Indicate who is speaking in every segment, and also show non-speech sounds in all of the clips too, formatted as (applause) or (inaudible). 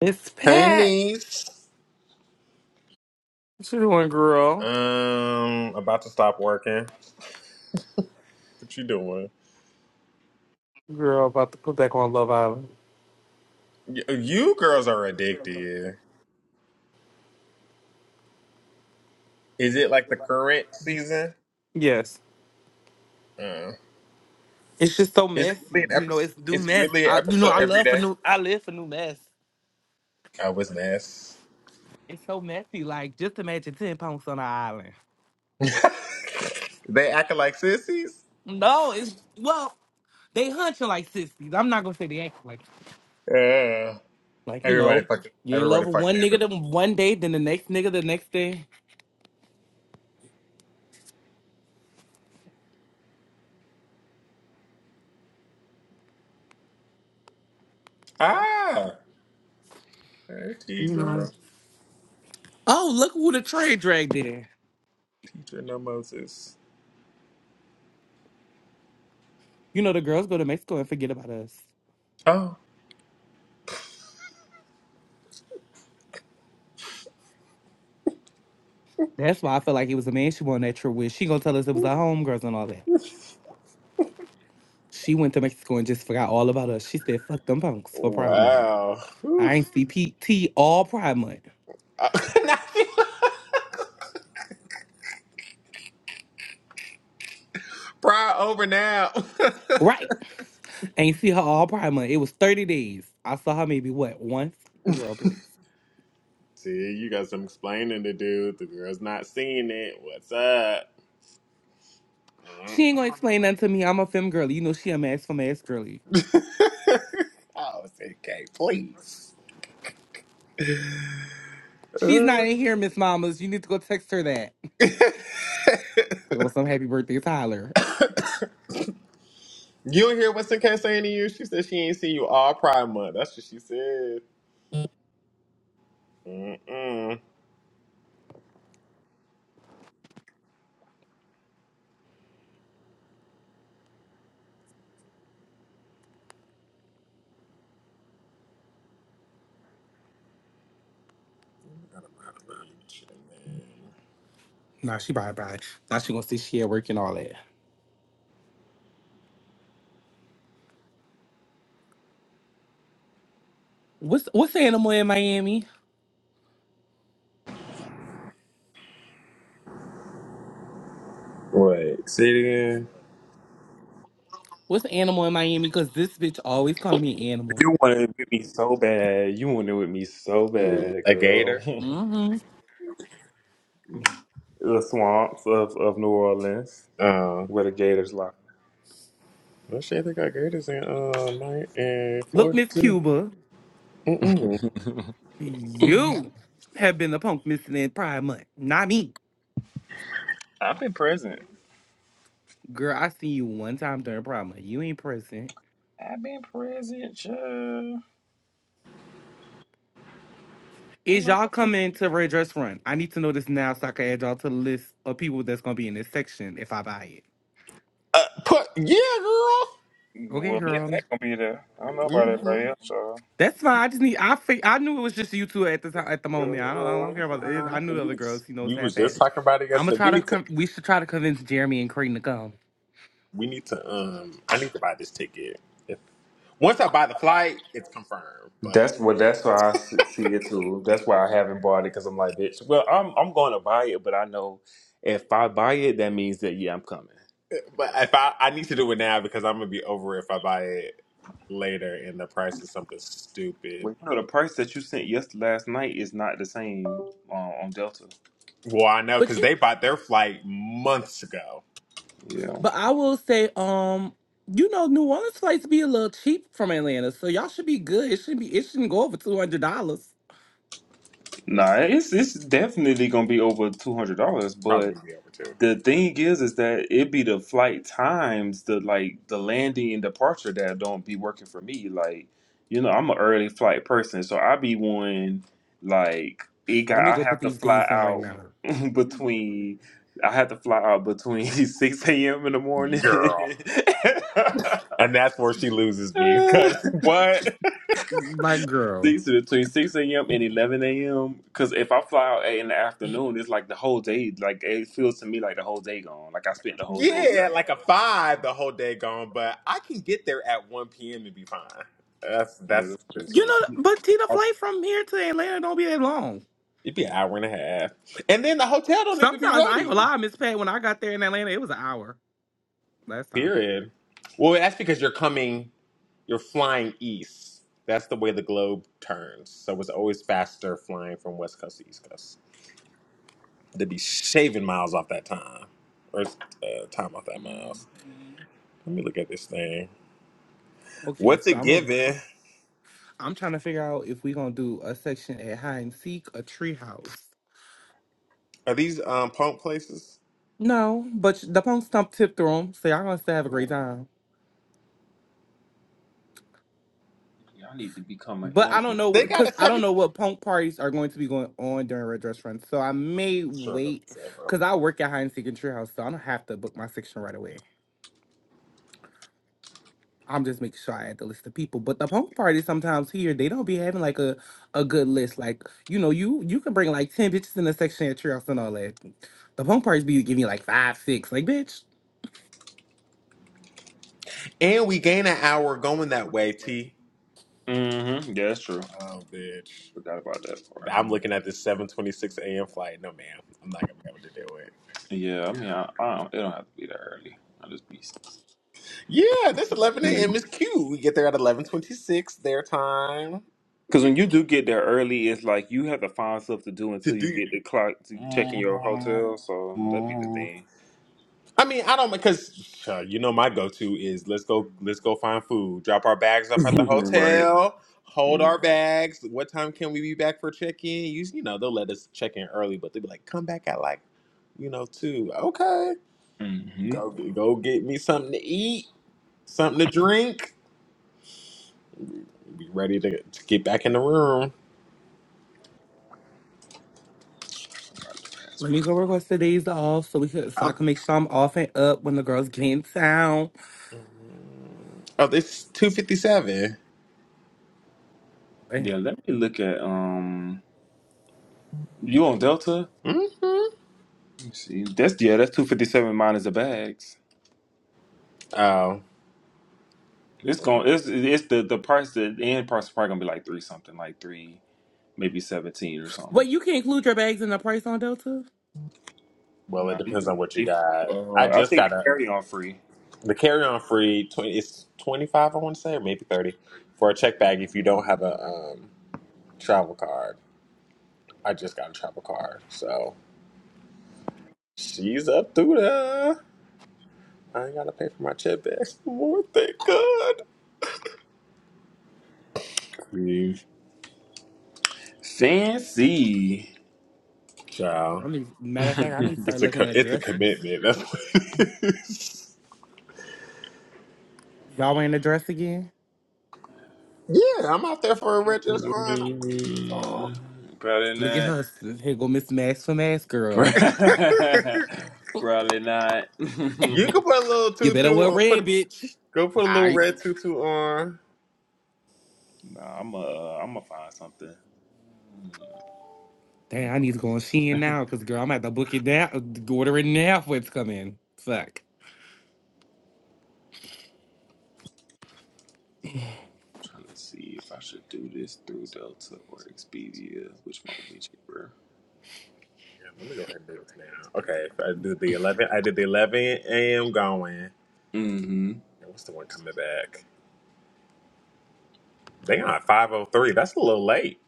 Speaker 1: It's
Speaker 2: Hey
Speaker 1: Pat.
Speaker 2: niece.
Speaker 1: What you doing, girl?
Speaker 2: Um, about to stop working. What you doing?
Speaker 1: Girl, about to put back on Love Island.
Speaker 2: Y- You girls are addicted. Is it like the current season?
Speaker 1: Yes.
Speaker 2: Uh,
Speaker 1: It's just so
Speaker 2: is it
Speaker 1: messy.
Speaker 2: really an
Speaker 1: You know,
Speaker 2: episode?
Speaker 1: it's new
Speaker 2: It's
Speaker 1: mess.
Speaker 2: really an
Speaker 1: I, you know,
Speaker 2: episode
Speaker 1: I
Speaker 2: every
Speaker 1: love for
Speaker 2: day.
Speaker 1: new. I live for new mess.
Speaker 2: I was mess.
Speaker 1: It's so messy. Like, just imagine ten pounds on an island.
Speaker 2: (laughs) they acting like sissies.
Speaker 1: No, it's well, they hunting like sissies. i I'm not gonna say they act like,
Speaker 2: Yeah.
Speaker 1: like you
Speaker 2: Everybody
Speaker 1: know,
Speaker 2: fucking.
Speaker 1: you in love
Speaker 2: Everybody
Speaker 1: with one
Speaker 2: fucking
Speaker 1: nigga
Speaker 2: everybody.
Speaker 1: the one day, then the next nigga the next day.
Speaker 2: Ah. Hey, teacher.
Speaker 1: Oh, look who the trade dragged in.
Speaker 2: Teacher, no Moses.
Speaker 1: You know, the girls go to Mexico and forget about us.
Speaker 2: Oh.
Speaker 1: That's why I felt like it was a man she went on that trip with. She gonna tell us it was our homegirls and all that. She went to Mexico and just forgot all about us. She said, fuck them punks for Pride Month.
Speaker 2: Wow. Whew.
Speaker 1: I ain't see PT all Pride Month.
Speaker 2: Uh, (laughs) Fry over now. (laughs)
Speaker 1: Right. I ain't see her all Pride Month. It was 30 days. I saw her maybe what, once? Girl, please.
Speaker 2: See, you got some explaining to do. The girl's not seeing it. What's up? Mm.
Speaker 1: She ain't gonna explain nothing to me. I'm a femme girly. You know she a mass femme ass girly.
Speaker 2: (laughs) oh, it's okay, please.
Speaker 1: She's not
Speaker 2: Uh.
Speaker 1: in here, Miss Mamas. You need to go text her that.
Speaker 2: (laughs)
Speaker 1: Talk about some happy birthday, Tyler.
Speaker 2: you don't hear what's in case saying to you? She said she ain't seen you all Pride Month. That's what she said. Mm-mm. Go to my page and then-
Speaker 1: Nah, she bye bye. Now she gonna say she at work and all that. What's what's the animal in Miami?
Speaker 2: Wait, say it again.
Speaker 1: What's animal in Miami? Because this bitch always calling me animal.
Speaker 3: You wanted it with me so bad. You wanted it with me so
Speaker 2: Mm.
Speaker 3: bad,
Speaker 2: A
Speaker 3: girl. (laughs)
Speaker 2: gator?
Speaker 1: hmm
Speaker 3: the swamps of, of New Orleans
Speaker 2: Oh.
Speaker 3: where the Gators lie.
Speaker 2: Well, shit, they got gators in uh, my, in
Speaker 1: Look,
Speaker 2: Florida
Speaker 1: Miss
Speaker 2: too.
Speaker 1: Cuba,
Speaker 2: Mm-mm.
Speaker 1: you have been the punk missing in Pride Month, not me.
Speaker 3: I've been present.
Speaker 1: Girl, I seen you one time during Pride Month. You ain't present.
Speaker 3: I've been present, yeah. You
Speaker 1: Is
Speaker 3: know,
Speaker 1: y'all coming to Red Dress Run? I need to know this now so I can add y'all to the list of people that's gonna be in this section if I buy it.
Speaker 2: Uh, put yeah, girl.
Speaker 1: Okay,
Speaker 3: well, me and
Speaker 1: girl.
Speaker 3: that gonna be there. I don't know about
Speaker 2: Mm-hmm.
Speaker 3: everybody else, y'all.
Speaker 1: That's fine. I just need. I fig- I knew it was just you two at the time, at the
Speaker 2: Uh,
Speaker 1: moment. I don't. I don't care about it.
Speaker 2: uh,
Speaker 1: I knew the
Speaker 2: you,
Speaker 1: other
Speaker 2: was,
Speaker 1: girls. You know, it's
Speaker 2: you was
Speaker 1: half half.
Speaker 2: just talking about it
Speaker 1: I'm gonna
Speaker 2: yesterday.
Speaker 1: try
Speaker 2: We
Speaker 1: to.
Speaker 2: need to.
Speaker 1: Con- we should try to convince Jeremy and Kareem to come.
Speaker 2: We need to. Um, I need to buy this ticket. If, Once I buy the flight, it's confirmed. But
Speaker 3: That's what. That's why I s- see it too. That's why I haven't bought it because I'm like, bitch. Well, I'm I'm going to buy it, but I know if I buy it, that means that yeah, I'm coming.
Speaker 2: but if I I need to do it now because I'm gonna be over it if I buy it later and the price is something stupid.
Speaker 3: Well, you know, the price that you sent yes last night is not the same uh, on Delta.
Speaker 2: Well, I know
Speaker 1: But
Speaker 2: because
Speaker 1: you,
Speaker 2: they bought their flight months ago.
Speaker 3: Yeah.
Speaker 1: but I will say, um, you know, New Orleans flights be a little cheap from Atlanta, so y'all should be good. It should be, it shouldn't go over two hundred dollars.
Speaker 3: Nah,
Speaker 2: It's
Speaker 3: it's it's definitely gonna be over two hundred dollars.
Speaker 2: probably
Speaker 3: But
Speaker 2: gonna be over too.
Speaker 3: the
Speaker 2: Yeah.
Speaker 3: thing is, is that it be the flight times, the like the landing and departure that don't be working for me. Like, you know, I'm an early flight person, so I be one like it got.
Speaker 1: Let me
Speaker 3: I
Speaker 1: go put
Speaker 3: have to
Speaker 1: these
Speaker 3: fly
Speaker 1: days in right
Speaker 3: out
Speaker 1: now.
Speaker 3: (laughs) between. I have to fly out between (laughs) six a.m. in the morning.
Speaker 2: Girl. And that's where she loses me
Speaker 3: (laughs)
Speaker 2: because (laughs) what?
Speaker 1: Like, girl,
Speaker 3: six between six a.m. and eleven a.m. Because if I fly out in the afternoon, it's like the whole day. Like it feels to me like the whole day gone. Like I spent the whole day
Speaker 2: Yeah,
Speaker 3: traveling.
Speaker 2: like a five the whole day gone, but I can get there at 1 p.m. and be fine. That's
Speaker 3: Yeah,
Speaker 2: that's
Speaker 3: that's true.
Speaker 2: that's
Speaker 3: So
Speaker 1: you
Speaker 2: a
Speaker 1: know,
Speaker 2: cute.
Speaker 1: but Tina, flight from here to Atlanta don't be that long.
Speaker 2: It'd be an hour and a half, and then the hotel don't even be
Speaker 1: Sometimes I ain't gonna
Speaker 2: ready.
Speaker 1: lie, Miss Pat. When I got there in Atlanta, it was an hour last time.
Speaker 2: Period. Well, that's because you're coming, you're flying east. That's the way the globe turns, so it's always faster flying from west coast to east coast. They'd be shaving miles off that time, or uh, time off that miles.
Speaker 3: hmm
Speaker 2: Let me look at this thing.
Speaker 1: Okay,
Speaker 2: What's
Speaker 1: so
Speaker 2: it
Speaker 1: I'm a,
Speaker 2: giving?
Speaker 1: I'm trying to figure out if we gonna do a section at hide and seek, a treehouse.
Speaker 2: Are these um punk places?
Speaker 1: No, but the punk stump tip through them, so y'all gonna still have a great
Speaker 2: Mm.
Speaker 1: time.
Speaker 3: y'all need to become an
Speaker 1: But I
Speaker 3: amateur.
Speaker 1: don't know
Speaker 2: They
Speaker 1: what,
Speaker 2: got a
Speaker 1: cause I don't
Speaker 2: seven.
Speaker 1: know what punk parties are going to be going on during Red Dress Run. So I may
Speaker 2: Shut up,
Speaker 1: wait,
Speaker 2: Sarah.
Speaker 1: cause I work at Hide and Seek and Treehouse, so I don't have to book my section right away. I'm just making sure I add the list of people. But the punk parties sometimes here they don't be having like a, a good list. Like you know you you can bring like ten bitches in the section at Treehouse and all that. The punk parties be giving you like five six. Like bitch,
Speaker 2: And we gain an hour going that way, T.
Speaker 3: Mm-hmm. Yeah, that's true.
Speaker 2: Oh, bitch.
Speaker 3: Forgot about that part.
Speaker 2: I'm looking at this 7:26 a.m. flight. No, ma'am. I'm not gonna be able to do it.
Speaker 3: Yeah, I mean, I, I don't, it don't have to be that early. I just be
Speaker 2: Yeah, this 11 a.m.
Speaker 3: because
Speaker 2: is cute. We get there at 11:26 their time
Speaker 3: when you do get there early, it's like you have to find stuff to do
Speaker 2: to
Speaker 3: until you
Speaker 2: do.
Speaker 3: get the clock to check in your
Speaker 2: Mhm.
Speaker 3: hotel. So that'd be the
Speaker 2: Mhm.
Speaker 3: thing.
Speaker 2: I mean, I don't because uh, you know my go-to is let's go let's go find food, drop our bags off at the
Speaker 3: (laughs) right.
Speaker 2: hotel, hold our bags. What time can we be back for check-in? You, you know they'll let us check in early, but they'll be like, come back at like you know two. Okay,
Speaker 3: Mm-hmm.
Speaker 2: go get, go get me something to eat, something to drink. Be ready to, to get back in the room.
Speaker 1: let me
Speaker 3: Password.
Speaker 1: go request the days off so we could so I
Speaker 2: Um,
Speaker 1: can make sure I'm off and up when the girls get in town.
Speaker 2: oh, it's two fifty-seven.
Speaker 1: Bam.
Speaker 3: Yeah, let me look at um you on Delta?
Speaker 2: Mm-hmm.
Speaker 3: Let me see. That's yeah, that's two fifty seven minus the bags.
Speaker 2: Oh
Speaker 3: It's going it's it's the the price the end price is probably gonna be like three something, like three maybe seventeen or something.
Speaker 1: But you can include your bags in the price on Delta.
Speaker 2: well, it
Speaker 3: No, you
Speaker 2: depends on
Speaker 3: have to
Speaker 2: what you
Speaker 3: pay for
Speaker 2: got. I
Speaker 3: uh I
Speaker 2: just
Speaker 3: think
Speaker 2: got
Speaker 3: the
Speaker 2: a.
Speaker 3: carry on free.
Speaker 2: The carry on free twenty it's twenty five I want to say or maybe thirty for a check bag if you don't have a um, travel card. I just got a travel card, so she's up through there. I ain't gotta pay for my check bag no more. Thank God.
Speaker 3: Hmm. Fancy.
Speaker 2: Child,
Speaker 1: I need, matter of fact,
Speaker 3: (laughs)
Speaker 1: I need to start
Speaker 2: it's a
Speaker 1: looking
Speaker 2: co-
Speaker 1: at
Speaker 2: it's a
Speaker 1: dresses.
Speaker 2: commitment. That's what it is.
Speaker 1: Y'all wearing a dress again?
Speaker 2: Yeah, I'm out there for a retros run.
Speaker 3: Mm, probably
Speaker 1: Look at
Speaker 3: not.
Speaker 1: her. Here go Miss Mask for Mask Girl.
Speaker 2: (laughs)
Speaker 3: (laughs) Probably not.
Speaker 2: you
Speaker 3: (laughs)
Speaker 2: can put a little
Speaker 1: You better
Speaker 2: tutu
Speaker 1: wear
Speaker 2: on. Put
Speaker 1: red, bitch.
Speaker 2: go put a
Speaker 1: All
Speaker 2: little
Speaker 1: right.
Speaker 2: red tutu on.
Speaker 3: Nah, I'm uh, I'm gonna find something. Mm, I'm
Speaker 1: Damn, I need to go on Shein now, cause girl, I'm at the book it down, order it now for it's coming. Fuck.
Speaker 3: trying to see if I should do this through Delta or Expedia, which one would be cheaper.
Speaker 2: Damn, let me go ahead and do this now. Okay, if I do the 11. I did the 11 a.m. going.
Speaker 3: Mm-hmm.
Speaker 2: And what's the one coming back? They on 5:03. That's a little late.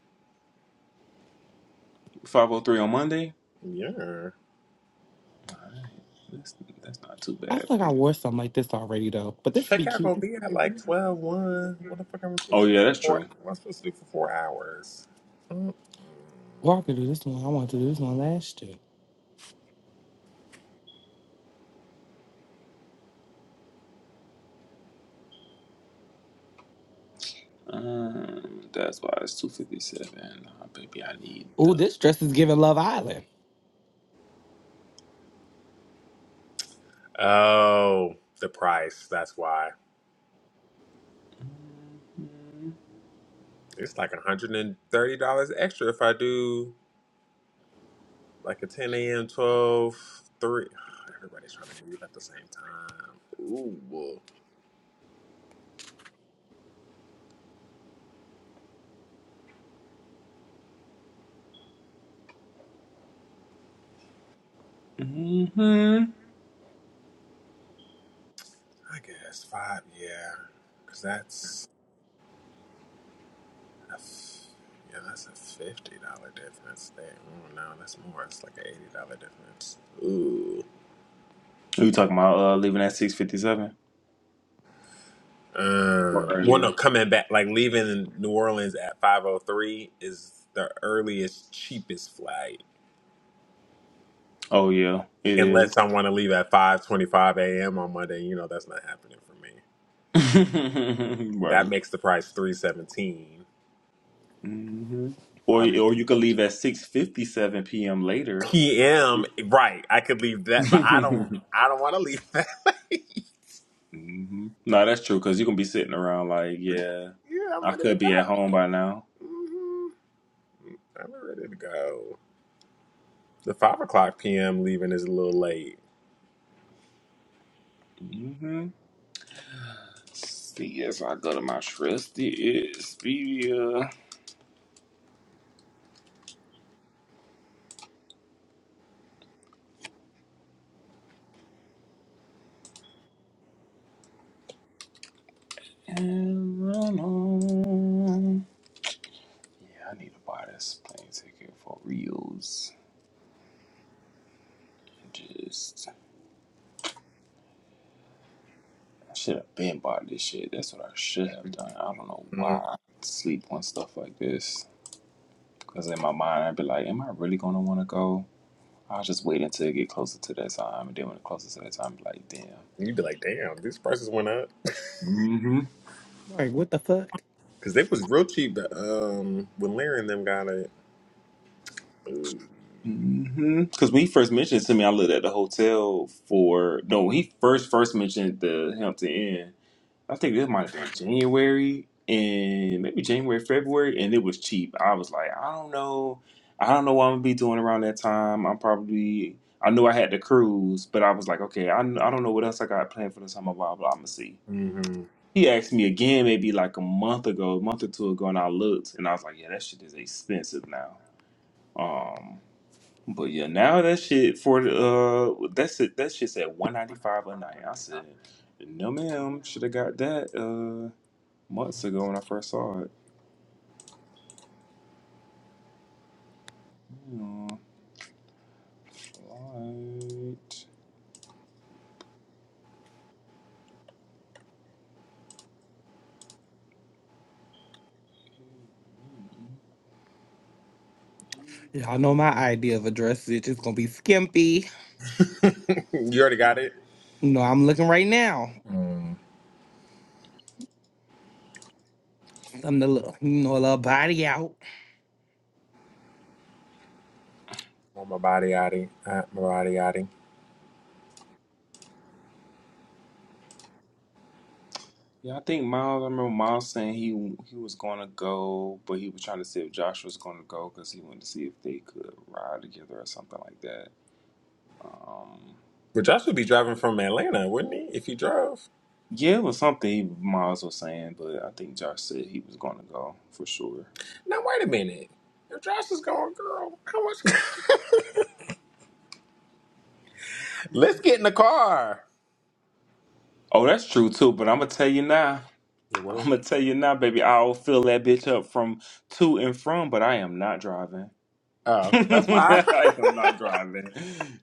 Speaker 3: Five oh three on Monday.
Speaker 2: Yeah.
Speaker 3: Alright, that's that's not too
Speaker 1: I
Speaker 3: bad
Speaker 1: feel
Speaker 3: for
Speaker 1: like I
Speaker 3: me.
Speaker 1: wore something like this already though, but this would be
Speaker 2: Checkout gonna
Speaker 1: cute.
Speaker 2: be at like twelve one. What the fuck am I supposed
Speaker 3: Oh
Speaker 2: to do?
Speaker 3: yeah, that's
Speaker 2: for Four,
Speaker 3: true.
Speaker 2: what am I supposed to do for four hours? Mm.
Speaker 1: Well, I could do this one. I wanted to do this one last year.
Speaker 3: Um, that's why it's two fifty seven. Nah, baby, I need
Speaker 1: Ooh,
Speaker 3: the.
Speaker 1: this dress is giving Love Island.
Speaker 2: Oh, the price. That's why it's like $130 extra if I do like a 10 a.m., 12 3. (sighs) Everybody's trying to leave at the same time. Ooh.
Speaker 3: Mm-hmm.
Speaker 2: I guess five, yeah, because that's a f- yeah, that's a fifty dollar difference. There, oh no, that's more. It's like an eighty dollar difference. Ooh.
Speaker 3: Are you talking about uh, leaving at six fifty seven or
Speaker 2: Um. Well, no,
Speaker 3: earlier?
Speaker 2: coming back, like leaving New Orleans at five oh three is the earliest, cheapest flight.
Speaker 3: Oh yeah, it is.
Speaker 2: Unless I want to leave at five twenty five a.m. on Monday, you know that's not happening for me.
Speaker 3: (laughs)
Speaker 2: That
Speaker 3: right.
Speaker 2: makes the price three seventeen.
Speaker 3: hmm Or or you could leave at six fifty seven p.m. later.
Speaker 2: P.M. Right, I could leave
Speaker 3: (laughs)
Speaker 2: that, but I don't.
Speaker 3: hmm
Speaker 2: I don't want to leave (laughs)
Speaker 3: No, that's true because you can be sitting around like, yeah,
Speaker 2: Yeah, I'm
Speaker 3: I
Speaker 2: ready to
Speaker 3: could be at home by
Speaker 2: go.
Speaker 3: now.
Speaker 2: hmm I'm ready to go. The five o'clock p.m. leaving is a little late.
Speaker 3: hmm See, yes, I go to my trusty Expedia. And run on. Yeah, I need to buy this plane ticket for reals. Just, I should have been bought this shit. That's what I should have done. I don't know why
Speaker 2: Mhm.
Speaker 3: I sleep on stuff like this. Because in my mind, I'd be like, am I really going to want to go? I'll just wait until it get closer to that time. And then when it closer to that time, I'd be like, damn.
Speaker 2: You'd be like, damn, these prices went up
Speaker 3: Mm-hmm.
Speaker 1: Like, what the fuck?
Speaker 2: because they was real cheap. But, um, when Larry and them got it,
Speaker 3: Mm-hmm. Because when he first mentioned it to me, I lived at the hotel for, no, when he first first mentioned the Hampton Inn, I think this might have been January and maybe January, February, and it was cheap. I was like, I don't know. I don't know what I'm going to be doing around that time. I'm probably, I knew I had to cruise, but I was like, okay, I, I don't know what else I got planned for the summer, blah, blah, I'm going to see.
Speaker 2: hmm
Speaker 3: He asked me again maybe like a month ago, a month or two ago, and I looked and I was like, yeah, that shit is expensive now. Um, but yeah, now that shit for the uh, that's it. That shit's at one ninety five a night. I said, no, ma'am, should have got that uh months ago when I first saw it. Hmm, flight.
Speaker 1: Y'all know my idea of a dress, bitch. It's gonna be skimpy.
Speaker 2: (laughs) you already got it.
Speaker 1: You know, I'm looking right now.
Speaker 2: Mm.
Speaker 1: I'm the little, you know, little body out.
Speaker 2: Want my body out of my body out
Speaker 3: Yeah, I think Miles. I remember Miles saying he he was gonna go, but he was trying to see if Josh was gonna go because he wanted to see if they could ride together or something like that. Um,
Speaker 2: But Josh would be driving from Atlanta, wouldn't he? If he drove.
Speaker 3: yeah, it was something Miles was saying, but I think Josh said he was going to go for sure.
Speaker 2: Now wait a minute. If Josh is going, girl, how much? (laughs) Let's get in the car.
Speaker 3: Oh, that's true too. But I'm gonna tell you now.
Speaker 2: The
Speaker 3: (laughs) I'm
Speaker 2: word.
Speaker 3: gonna tell you now, baby. I'll fill that bitch up from to and from, but I am not driving. (laughs)
Speaker 2: Oh, that's fine. (laughs)
Speaker 3: I am not driving.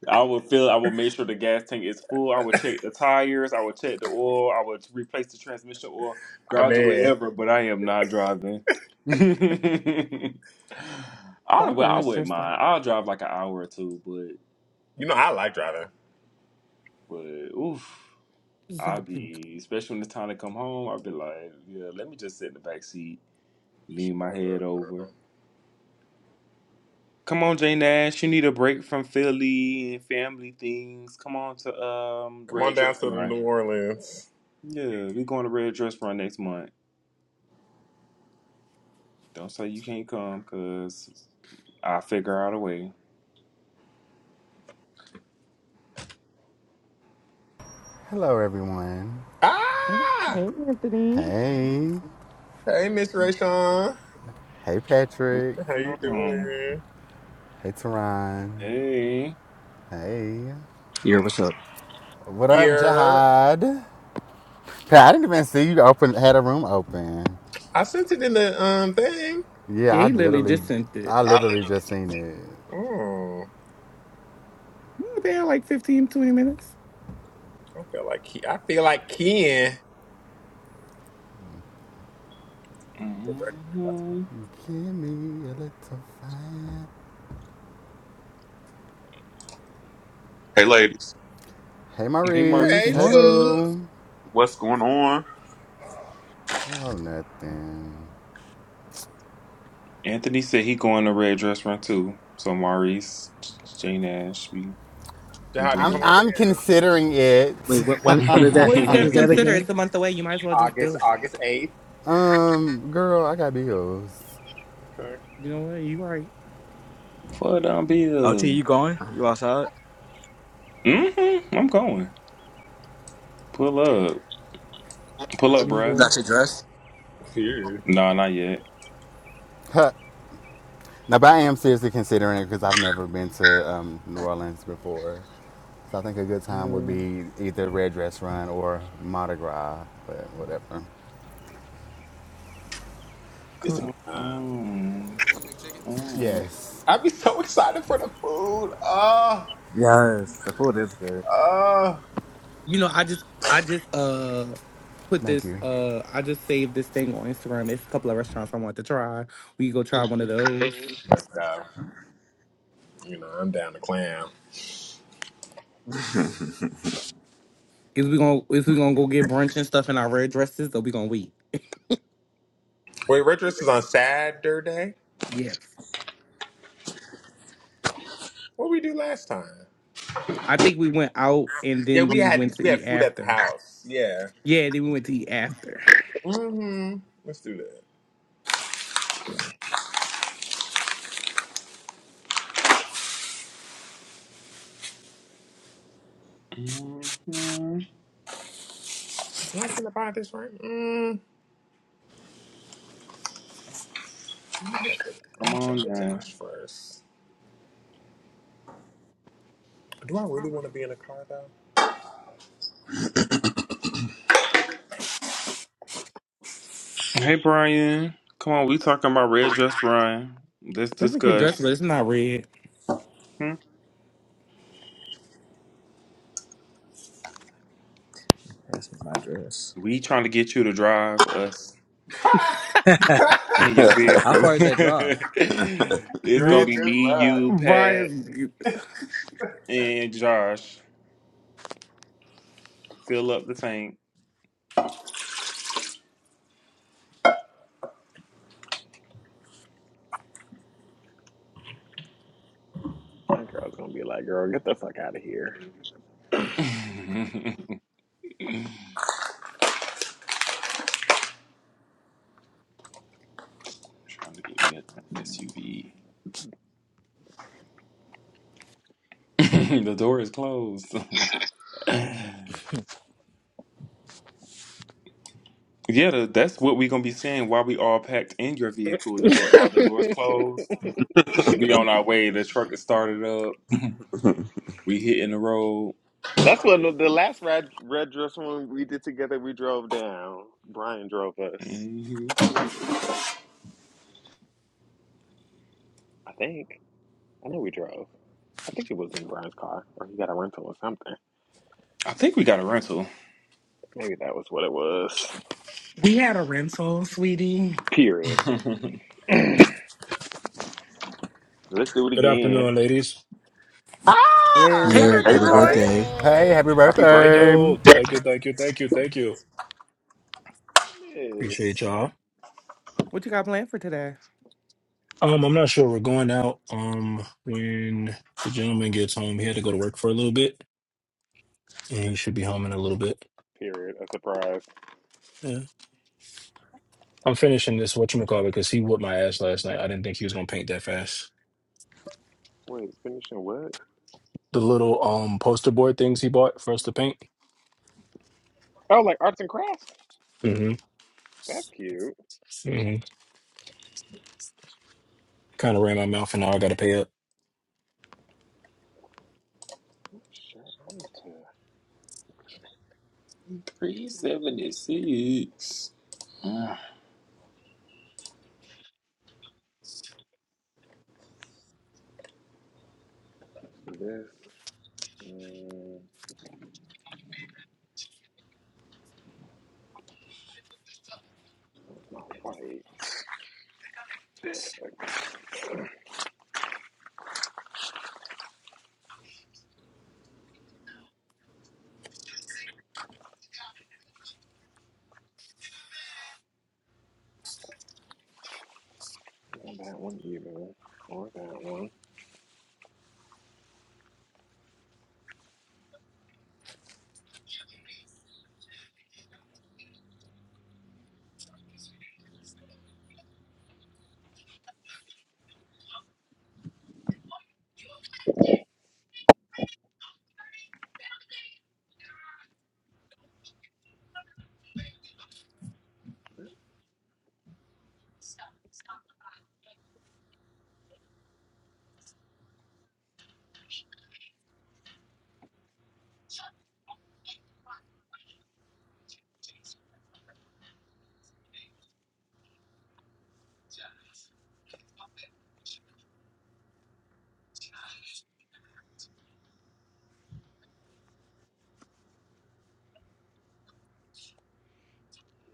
Speaker 3: I would feel. I would make sure the gas tank is full. I would check the tires. I would check the oil. I would replace the transmission oil,
Speaker 2: I
Speaker 3: gouge or
Speaker 2: mean,
Speaker 3: whatever. But I am not driving. (laughs) I
Speaker 1: Talking
Speaker 3: well,
Speaker 1: to
Speaker 3: I
Speaker 1: his
Speaker 3: wouldn't
Speaker 1: sister.
Speaker 3: mind. I'll drive like an hour or two, but
Speaker 2: you know, I like driving.
Speaker 3: but oof,
Speaker 1: This is how
Speaker 3: I'll
Speaker 1: deep.
Speaker 3: be especially when it's time to come home. I'll be like, yeah, let me just sit in the back seat, lean my head over. Come on, Jay Nash. You need a break from Philly and family things. Come on to um
Speaker 2: Come
Speaker 3: Red
Speaker 2: on down
Speaker 3: Dress
Speaker 2: to the
Speaker 3: Run.
Speaker 2: New Orleans.
Speaker 3: Yeah, we going to Red Dress Run next month. Don't say you can't come, cause I figure out a way.
Speaker 4: Hello, everyone.
Speaker 2: Ah,
Speaker 1: Hey, Anthony.
Speaker 4: Hey.
Speaker 2: hey, Miss Rayshawn,
Speaker 4: Hey,
Speaker 3: What's
Speaker 4: Patrick.
Speaker 2: how
Speaker 3: going
Speaker 2: you
Speaker 3: on?
Speaker 2: doing?
Speaker 4: Hey, Teron.
Speaker 3: Hey.
Speaker 4: Hey.
Speaker 5: Yeah, what's up?
Speaker 4: What up,
Speaker 2: Yeah,
Speaker 4: Jihad? Pat, I didn't even see you open, had a room open.
Speaker 2: I sent it in the um thing.
Speaker 4: Yeah,
Speaker 1: Yeah,
Speaker 4: I
Speaker 1: he literally
Speaker 4: literally,
Speaker 1: just sent it.
Speaker 4: I
Speaker 3: I
Speaker 4: literally just seen it.
Speaker 2: Mm,
Speaker 1: Hmm, They had like fifteen, twenty 20 minutes.
Speaker 2: I feel like Ke- I feel like Ken. Get
Speaker 3: literally.
Speaker 2: ready.
Speaker 3: hmm
Speaker 4: Give me a little fire.
Speaker 6: Hey, ladies.
Speaker 4: Hey,
Speaker 3: Hey,
Speaker 4: Maurice.
Speaker 1: No
Speaker 2: Hey,
Speaker 4: Hey,
Speaker 3: Maurice.
Speaker 1: worries.
Speaker 2: sure.
Speaker 4: boo.
Speaker 6: What's going on?
Speaker 4: Oh, nothing.
Speaker 3: Anthony said he going to Red Dress Run too. So Maurice, Jay Nash, we we
Speaker 2: Jihadi,
Speaker 4: I'm,
Speaker 2: come
Speaker 3: doing
Speaker 2: on
Speaker 4: I'm
Speaker 2: down.
Speaker 4: considering it.
Speaker 5: Wait, when, when when is that?
Speaker 1: What is
Speaker 5: When
Speaker 1: there to
Speaker 5: is that
Speaker 1: consider?
Speaker 3: it.
Speaker 5: again?
Speaker 1: It's a month away. You might as well just
Speaker 2: August,
Speaker 1: do it.
Speaker 2: August eighth.
Speaker 4: Um, girl, I got bills.
Speaker 2: Okay.
Speaker 1: You know what? You right.
Speaker 3: (laughs) For down
Speaker 5: LT, you
Speaker 3: bill.
Speaker 5: going? You outside?
Speaker 3: hmm I'm going. Pull up. Pull
Speaker 1: Let
Speaker 3: up,
Speaker 1: me
Speaker 5: You
Speaker 3: bruh.
Speaker 5: got
Speaker 1: go.
Speaker 5: your dress?
Speaker 2: Dude,
Speaker 3: No, not yet.
Speaker 4: Huh. Now, but I am seriously considering it because I've never been to um, New Orleans before. So I think a good time would
Speaker 3: Girl,
Speaker 4: be either Red Dress Run or Mardi Gras, but whatever.
Speaker 2: it's a
Speaker 5: Hmm,
Speaker 2: good
Speaker 3: come
Speaker 2: time.
Speaker 3: on. come on.
Speaker 4: Yes.
Speaker 2: I'd be so excited for the food. Oh,
Speaker 5: Yes, the food is good.
Speaker 2: oh.
Speaker 1: You know, I just, I just, uh, put
Speaker 4: Thank
Speaker 1: this,
Speaker 4: you.
Speaker 1: uh, I just saved this thing on Instagram. It's a couple of restaurants I want to try. We go try one of those.
Speaker 2: Let's go. You know, I'm down to clam.
Speaker 1: Is we gonna, is we gonna go get brunch and stuff in our red dresses or we gonna wait?
Speaker 2: Wait, Retros is on Saturday.
Speaker 1: Yes.
Speaker 2: What we do last time?
Speaker 1: I think we went out and
Speaker 2: Yeah,
Speaker 1: then
Speaker 2: we
Speaker 1: we went
Speaker 2: had we
Speaker 1: to
Speaker 2: had
Speaker 1: eat
Speaker 2: food at the
Speaker 1: after.
Speaker 2: house. Yeah.
Speaker 1: Yeah, then we went to eat after.
Speaker 2: Mm-hmm. Let's do that. Am
Speaker 3: Mhm.
Speaker 2: I finna buy this right? Mm. Let me check with, I'm
Speaker 3: Come
Speaker 2: gonna check
Speaker 3: on
Speaker 2: with
Speaker 3: now.
Speaker 2: Josh first. Do I really want to be in a car though?
Speaker 3: Hey, Brian. Come on, we talking about Red Dress Brian. Let's
Speaker 1: That's like your dress, but
Speaker 3: discuss.
Speaker 1: it's not red.
Speaker 3: Hmm?
Speaker 5: Pass me my dress.
Speaker 3: We trying to get you to drive us
Speaker 5: (laughs)
Speaker 3: in your
Speaker 5: How
Speaker 3: vehicle.
Speaker 5: far
Speaker 3: (laughs)
Speaker 5: is that drive?
Speaker 3: it's
Speaker 2: Girl,
Speaker 3: going to be
Speaker 1: Bitch,
Speaker 3: me, you, Pat,
Speaker 1: Brian.
Speaker 3: and Josh. Fill up the tank.
Speaker 2: my dear.
Speaker 3: (laughs) trying to get me a SUV. (laughs) the door is closed. (laughs) Yeah, tha- that's what we're gonna be saying while we all packed in your vehicle. The door, all the doors
Speaker 2: (laughs)
Speaker 3: closed. 'Cause we on our way. The truck is started up. We hitting the road.
Speaker 2: That's when the, the last red red dress one we did together. We drove down. Brian drove us.
Speaker 3: hmm
Speaker 2: I think. I know we drove. I think it was in Brian's car, or he got a rental or something.
Speaker 3: I think we got a rental.
Speaker 2: Maybe that was what it was.
Speaker 7: We had a rental, sweetie.
Speaker 2: Period.
Speaker 3: (laughs)
Speaker 2: (clears throat) Let's do it
Speaker 8: Good
Speaker 2: again.
Speaker 8: afternoon, ladies.
Speaker 2: Ah!
Speaker 1: Hey,
Speaker 5: Your
Speaker 2: Happy
Speaker 1: birthday
Speaker 6: Hey,
Speaker 5: happy
Speaker 1: boy.
Speaker 6: Tyler.
Speaker 5: birthday.
Speaker 4: Hey,
Speaker 2: birthday!
Speaker 4: happy
Speaker 6: Happy
Speaker 8: Thank
Speaker 6: birthday.
Speaker 4: birthday.
Speaker 8: you, thank you, thank you, thank you, thank you. Appreciate
Speaker 2: Goodness.
Speaker 8: y'all.
Speaker 1: What you got planned for today?
Speaker 8: Um, I'm not sure we're going out. Um, when the gentleman gets home, he had to go to work for a little bit, and he should be home in a little bit.
Speaker 2: Period. A surprise.
Speaker 8: Yeah, I'm finishing this whatchamacallit because he whooped my ass last night. I didn't think he was gonna paint that fast.
Speaker 2: Wait, finishing what?
Speaker 8: The little um poster board things he bought for us to paint.
Speaker 2: Oh, like arts and crafts?
Speaker 8: Mm-hmm.
Speaker 2: That's cute.
Speaker 8: mm-hmm. Kind of ran my mouth, and now I got to pay up.
Speaker 2: What shirt? I need to.
Speaker 3: Three seventy six.
Speaker 2: This. Mm, what's my white? Not that one either. Or that one.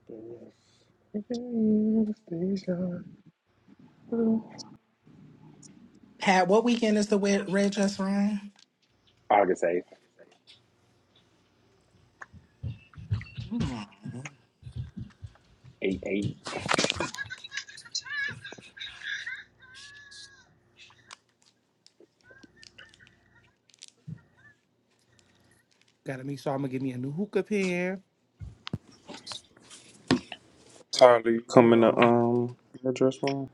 Speaker 2: This. Again, station.
Speaker 7: Pat, what weekend is the wed- red dress run?
Speaker 2: August 8th.
Speaker 7: Hmm,
Speaker 2: 8 8.
Speaker 1: Gotta make sure I'm gonna give me a new hookah pen.
Speaker 3: Tyler, you coming to
Speaker 7: girl.
Speaker 3: um address one?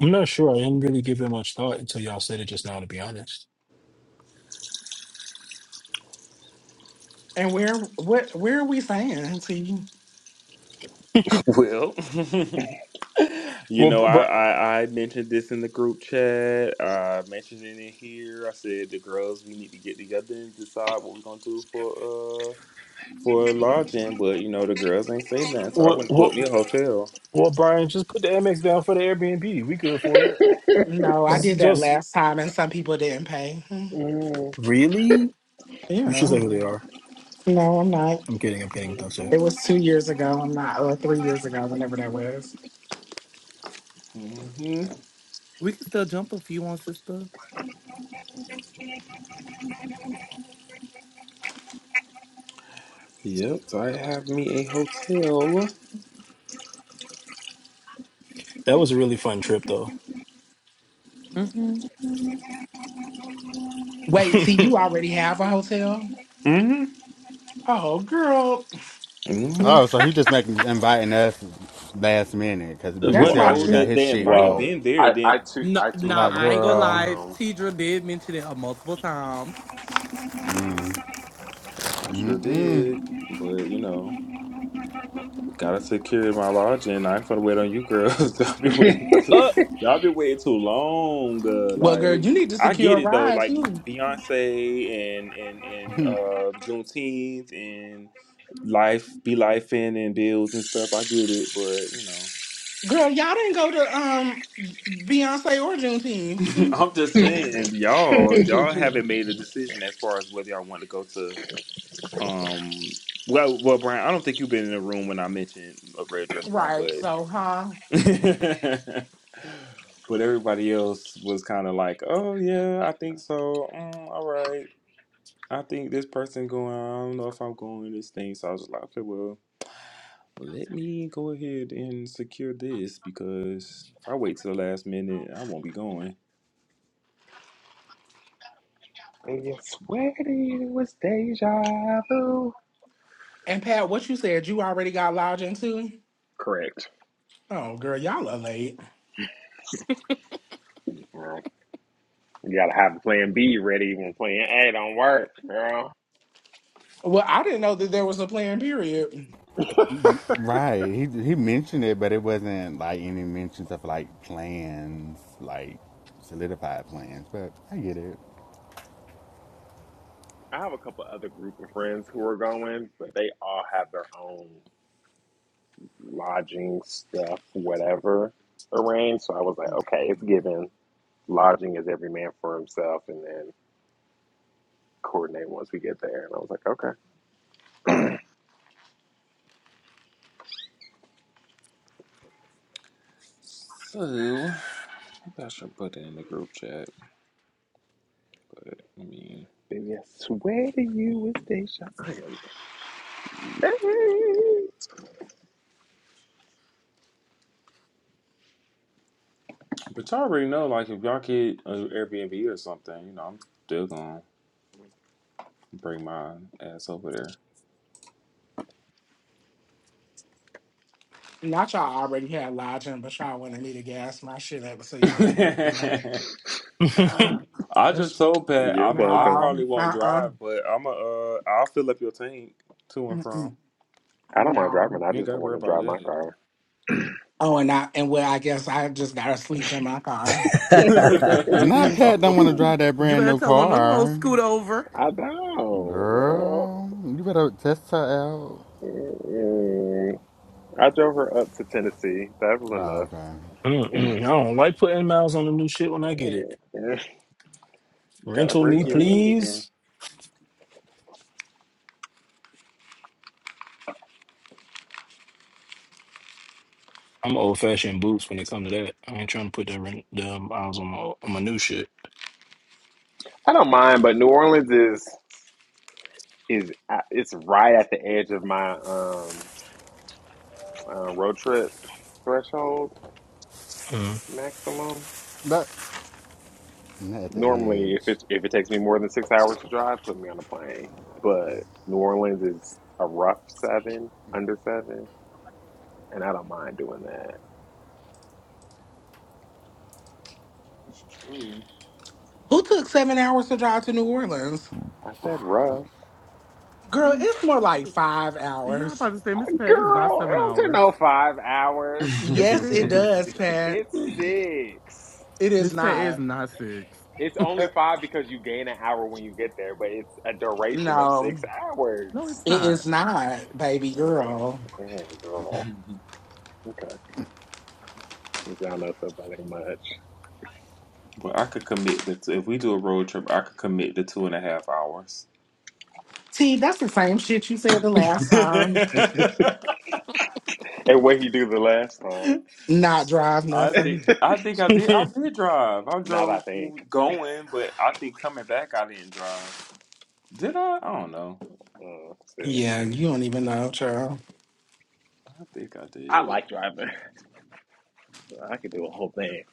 Speaker 8: I'm not sure. I didn't really give it much thought until y'all said it just now. To be honest.
Speaker 7: And where what where are we saying? See,
Speaker 3: Well, (laughs) you
Speaker 8: Well,
Speaker 3: know,
Speaker 8: br-
Speaker 3: I,
Speaker 8: br-
Speaker 3: I I mentioned this in the group chat. I mentioned it in here. I said the girls we need to get together and decide what we're gonna do for uh for lodging. But you know, the girls ain't say nothing, so I
Speaker 8: well,
Speaker 3: went and booked
Speaker 8: well,
Speaker 3: me a hotel.
Speaker 8: Well, Brian, just put the Amex down for the Airbnb. We good for it.
Speaker 7: no, I did
Speaker 8: Just,
Speaker 7: that
Speaker 8: just
Speaker 7: last time, and some people didn't pay. Hmm.
Speaker 2: Mm.
Speaker 8: really, you should
Speaker 7: Yeah,
Speaker 8: say who they are.
Speaker 7: no, I'm not.
Speaker 8: I'm kidding. I'm kidding. Don't say it.
Speaker 7: It was two years ago. I'm not, or three years ago, whenever that was.
Speaker 3: hmm
Speaker 1: We can still jump if you want, sister.
Speaker 3: Yep, so I have me a hotel.
Speaker 8: That was a really fun trip, though.
Speaker 1: Mm-hmm.
Speaker 8: (laughs)
Speaker 7: Wait, T, you already have a hotel?
Speaker 3: hmm
Speaker 7: Oh, girl,
Speaker 3: hmm
Speaker 4: Oh, so he just making inviting us last minute because but he
Speaker 3: Well,
Speaker 7: that's
Speaker 2: Well,
Speaker 4: said
Speaker 7: why
Speaker 2: I,
Speaker 3: no,
Speaker 4: already
Speaker 7: she.
Speaker 4: got
Speaker 3: the,
Speaker 4: his
Speaker 3: the
Speaker 4: shit
Speaker 3: invite
Speaker 2: Well,
Speaker 4: booked.
Speaker 3: been there.
Speaker 2: I,
Speaker 3: Then
Speaker 2: I too
Speaker 1: No,
Speaker 2: I too
Speaker 1: nah,
Speaker 4: Like,
Speaker 2: have a
Speaker 1: I ain't gonna
Speaker 2: hotel
Speaker 4: girl,
Speaker 1: lie.
Speaker 2: room.
Speaker 1: Tidra did mention it uh, multiple times.
Speaker 3: hmm I sure did, but you know. Gotta secure my lodging. I ain't finna wait on you, girls. (laughs) y'all be waiting.
Speaker 2: (laughs)
Speaker 8: uh, (laughs)
Speaker 3: y'all be waiting too long. Uh,
Speaker 7: Well, girl,
Speaker 3: like
Speaker 7: you need to
Speaker 3: I
Speaker 7: secure
Speaker 3: get
Speaker 7: a
Speaker 3: it though.
Speaker 7: ride
Speaker 3: Like
Speaker 7: too.
Speaker 3: Beyonce and and and uh, Juneteenth and life be life in and bills and stuff. I get it, but you know,
Speaker 7: Girl, y'all didn't go to um Beyonce or Juneteenth. Hmm.
Speaker 3: (laughs) I'm just saying, y'all y'all haven't made a decision as far as whether y'all want to go to um. Well, well, Brian, I don't think you've been in the room when I mentioned a red dress run,
Speaker 7: Right.
Speaker 3: but
Speaker 7: So, huh?
Speaker 3: (laughs) but everybody else was kind of like, "Oh yeah, I think so. Mm, all right, I think this person going. I don't know if I'm going this thing." So I was like, "Okay, well, let me go ahead and secure this because if I wait till the last minute, I won't be going."
Speaker 2: And you swear to you it was deja vu.
Speaker 7: And Pat, what you said, you already got lodging too?
Speaker 2: Correct.
Speaker 7: Oh, girl, y'all are late.
Speaker 2: Well, you gotta have plan B ready when plan A don't work, girl.
Speaker 7: Well, I didn't know that there was a plan, period.
Speaker 2: (laughs) I
Speaker 4: right? He he mentioned it, but it wasn't like any mentions of like plans, like solidified plans. But I get it.
Speaker 2: have a couple other group of friends who are going, but they all have their own lodging stuff, whatever arranged. So I was like,
Speaker 3: What's
Speaker 2: okay,
Speaker 3: big
Speaker 2: it's
Speaker 3: mama?
Speaker 2: given. Lodging is every man for himself, and then coordinate once we get there. And I was like, okay.
Speaker 3: So maybe I should put it in the group chat. I mean,
Speaker 2: Baby, I swear to you, it's Deja. I am late.
Speaker 3: but y'all already know, like, if y'all get an Airbnb or something, you know, I'm still gonna bring my ass over there.
Speaker 7: Not y'all already had lodging, but y'all wanted me to gas my shit up so
Speaker 3: (laughs)
Speaker 7: y'all could be. (laughs) the
Speaker 3: I just
Speaker 7: That's-
Speaker 3: told Pat
Speaker 2: You're
Speaker 3: I'm I
Speaker 2: welcome.
Speaker 7: No,
Speaker 3: probably won't
Speaker 7: uh-uh.
Speaker 3: drive, but I'm a uh I'll fill up your tank to and from.
Speaker 7: Mm-mm,
Speaker 2: I don't mind driving.
Speaker 7: no.
Speaker 2: I
Speaker 3: You ain't
Speaker 2: just don't
Speaker 3: gotta
Speaker 2: want
Speaker 3: worry
Speaker 2: to
Speaker 3: about
Speaker 2: drive my
Speaker 3: that.
Speaker 2: car.
Speaker 7: Oh, and I and well, I guess I just gotta sleep in my car.
Speaker 2: (laughs)
Speaker 5: (laughs)
Speaker 4: Not Pat don't
Speaker 3: (laughs)
Speaker 4: want to
Speaker 3: no.
Speaker 4: drive that
Speaker 1: You
Speaker 4: brand
Speaker 1: better
Speaker 4: new
Speaker 1: tell one of them hoes
Speaker 4: car.
Speaker 1: scoot over.
Speaker 2: I don't, girl.
Speaker 4: Girl, you better test her out.
Speaker 2: Mm-mm. I drove her up to Tennessee. That was
Speaker 4: Oh, okay.
Speaker 2: enough.
Speaker 8: Mm-mm. I don't like putting miles on the new shit when I
Speaker 2: (laughs)
Speaker 8: get it.
Speaker 2: Mm-mm.
Speaker 3: Gotta
Speaker 8: Rental
Speaker 2: That's
Speaker 3: break
Speaker 8: me,
Speaker 3: it
Speaker 2: enough.
Speaker 3: in.
Speaker 8: please. I'm old fashioned boots when it comes to that. I ain't trying to put the rent the miles on my on my new shit.
Speaker 2: I don't mind, but New Orleans is is uh, it's right at the edge of my um uh, road trip threshold
Speaker 8: Mm.
Speaker 2: maximum.
Speaker 4: But not at the
Speaker 2: Normally, if
Speaker 4: edge.
Speaker 2: it if it takes me more than six hours to drive, put me on a plane. But New Orleans is a rough seven, under seven, and I don't mind doing that.
Speaker 3: That's true.
Speaker 7: Who took seven hours to drive to New Orleans?
Speaker 2: I said rough,
Speaker 7: Girl,
Speaker 1: Um,
Speaker 7: it's more like five
Speaker 1: yeah, I'm
Speaker 7: hours.
Speaker 1: about to say Miss Pat is not
Speaker 2: girl. It
Speaker 1: seven
Speaker 2: don't take
Speaker 1: hours.
Speaker 2: no five hours.
Speaker 1: Yes, it
Speaker 7: Yes, it
Speaker 3: (laughs)
Speaker 1: is.
Speaker 7: does, Pat.
Speaker 2: It's six.
Speaker 7: It is
Speaker 1: Miss Pat is
Speaker 7: not.
Speaker 1: not six.
Speaker 2: It's
Speaker 7: Uh,
Speaker 2: only five because you gain an hour when you get there, but it's a duration of
Speaker 7: No,
Speaker 2: six
Speaker 1: No,
Speaker 2: hours.
Speaker 1: it's
Speaker 7: it
Speaker 1: not.
Speaker 7: is not, baby girl.
Speaker 2: Mm-mm, girl. Okay. Since y'all know stuff, I think much.
Speaker 3: but I could commit the t- if we do a road trip, I could commit the two and a half hours.
Speaker 7: T, that's the same shit you said the last time.
Speaker 2: And what he do the last time?
Speaker 3: (laughs)
Speaker 7: Not drive
Speaker 3: I think
Speaker 7: nothing.
Speaker 3: I think I did
Speaker 8: (laughs)
Speaker 3: I did drive. I
Speaker 2: Not I
Speaker 3: drove
Speaker 2: think.
Speaker 3: going, but I think coming back I didn't drive. Did I? I don't know.
Speaker 2: Mm, see.
Speaker 7: Yeah, you don't even know, child.
Speaker 3: I think I
Speaker 2: I
Speaker 3: did.
Speaker 2: like driving. (laughs) I could do a whole thing.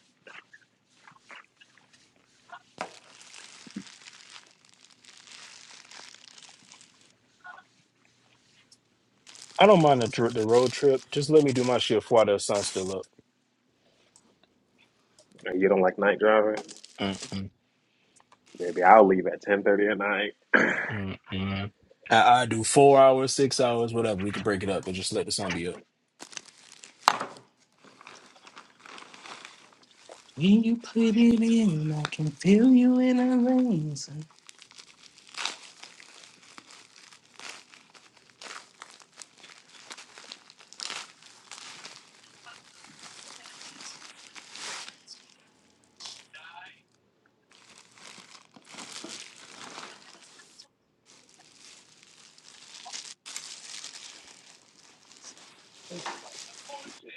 Speaker 8: I don't mind the tri- the road trip. Just let me do my shift while the sun's still up.
Speaker 2: You don't like night driving?
Speaker 8: Mm-mm,
Speaker 2: Maybe I'll leave at ten thirty at night.
Speaker 8: mm-mm. I, I do four hours, six hours, whatever. We could break it up, but just let the sun be up.
Speaker 7: When you put it in, I can feel you in the veins.
Speaker 2: I need to wipe this TV.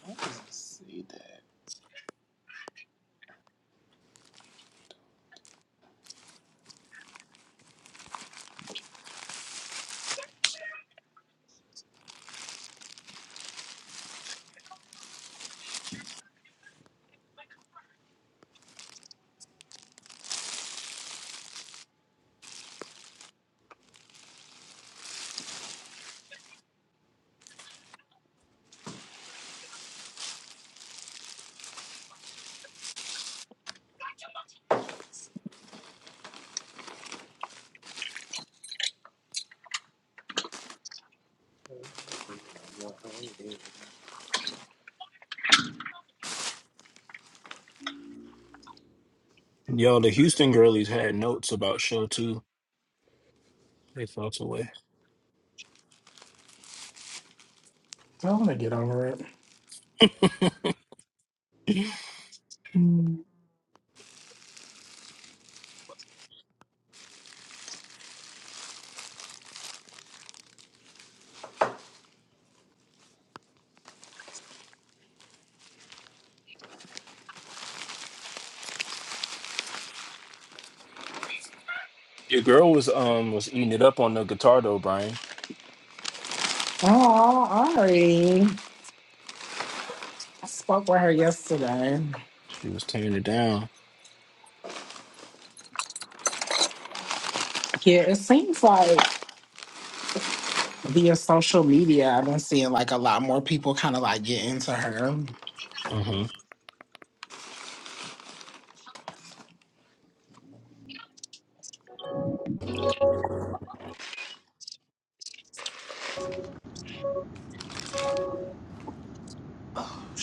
Speaker 3: Why does it say that?
Speaker 8: Yo, the Houston girlies had notes about show two. They felt away.
Speaker 7: I want to get over it.
Speaker 8: (laughs) Your girl was um was eating it up on the guitar though, Brian.
Speaker 7: Oh, Ari. I spoke with her yesterday.
Speaker 8: She was tearing it down.
Speaker 7: Yeah, it seems like via social media, I've been seeing like a lot more people kind of like get into her. (sighs)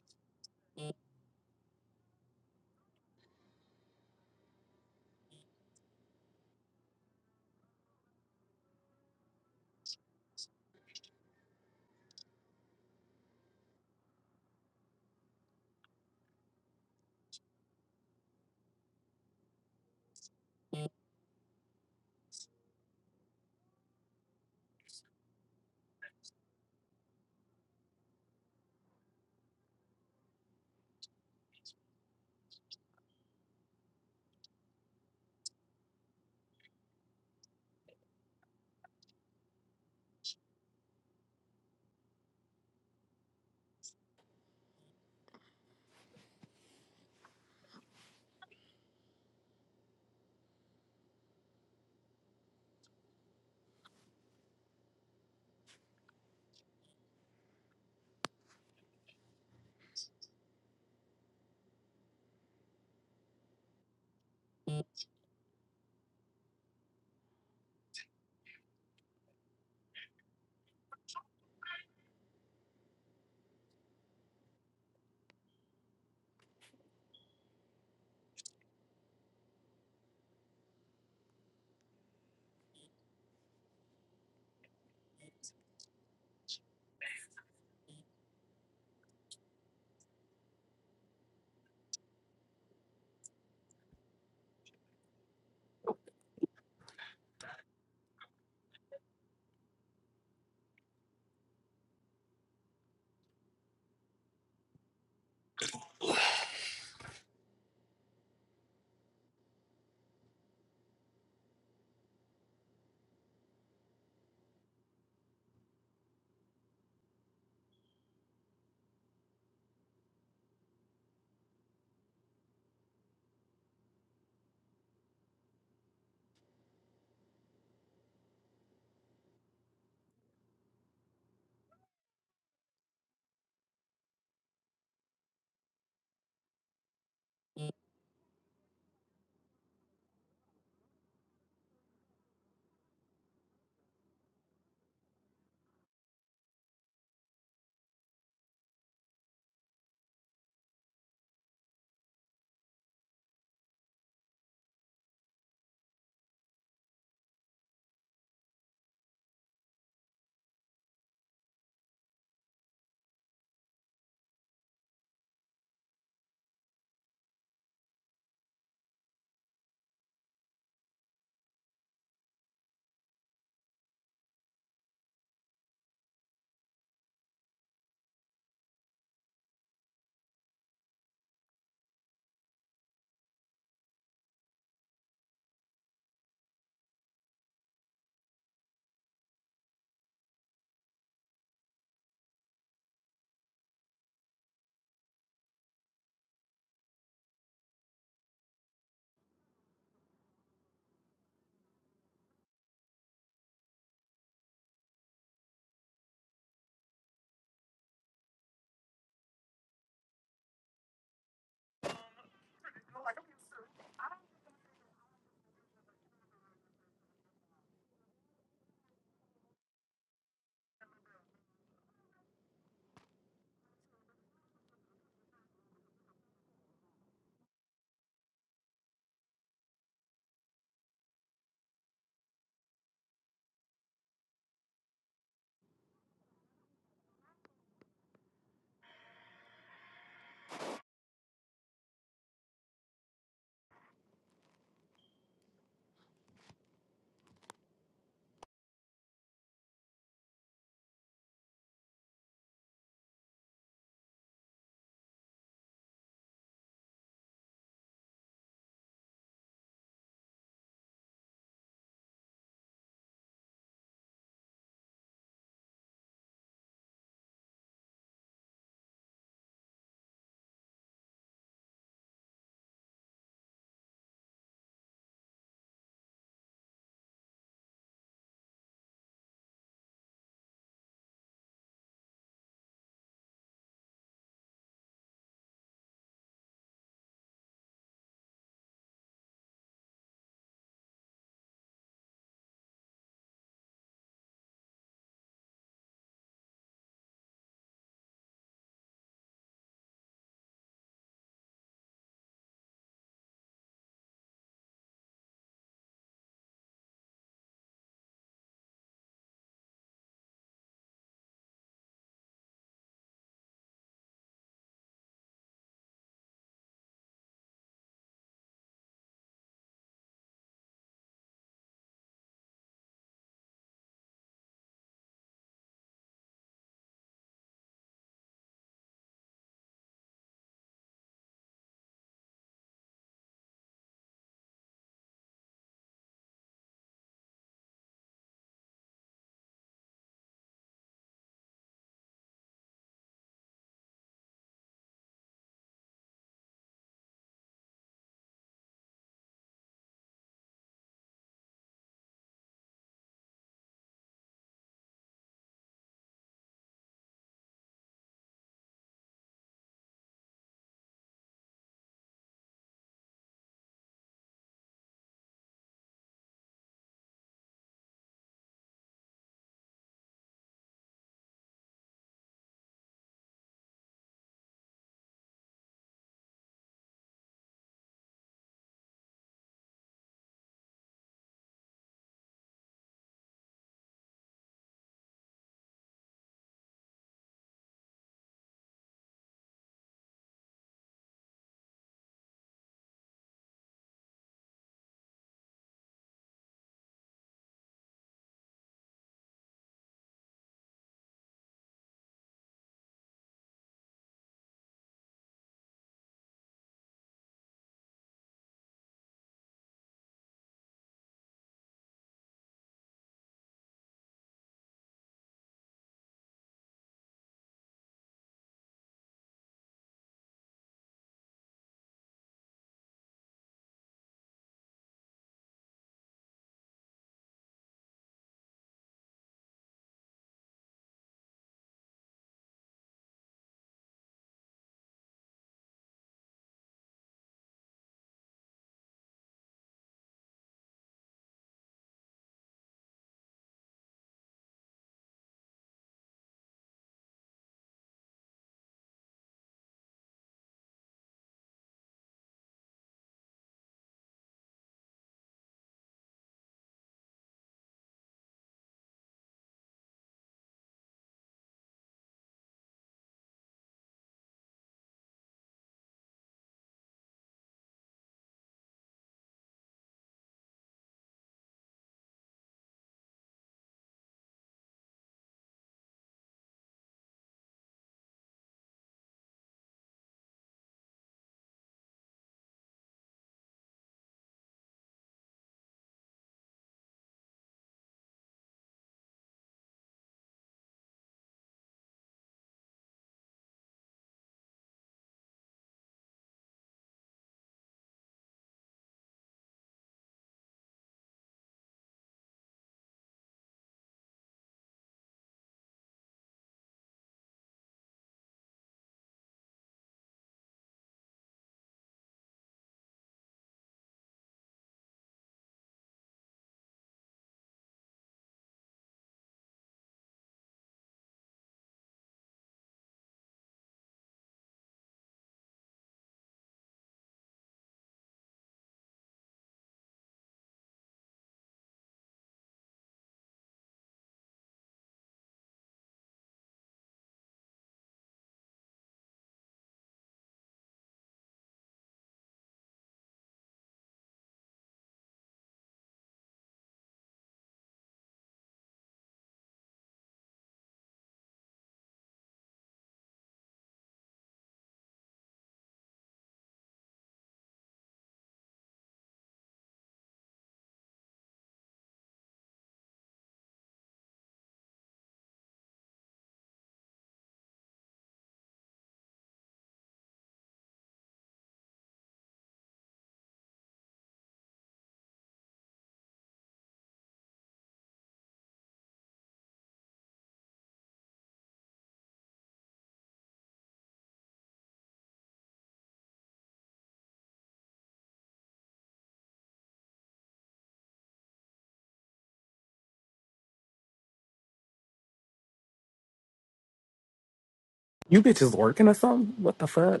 Speaker 1: You bitches working or something? What the fuck?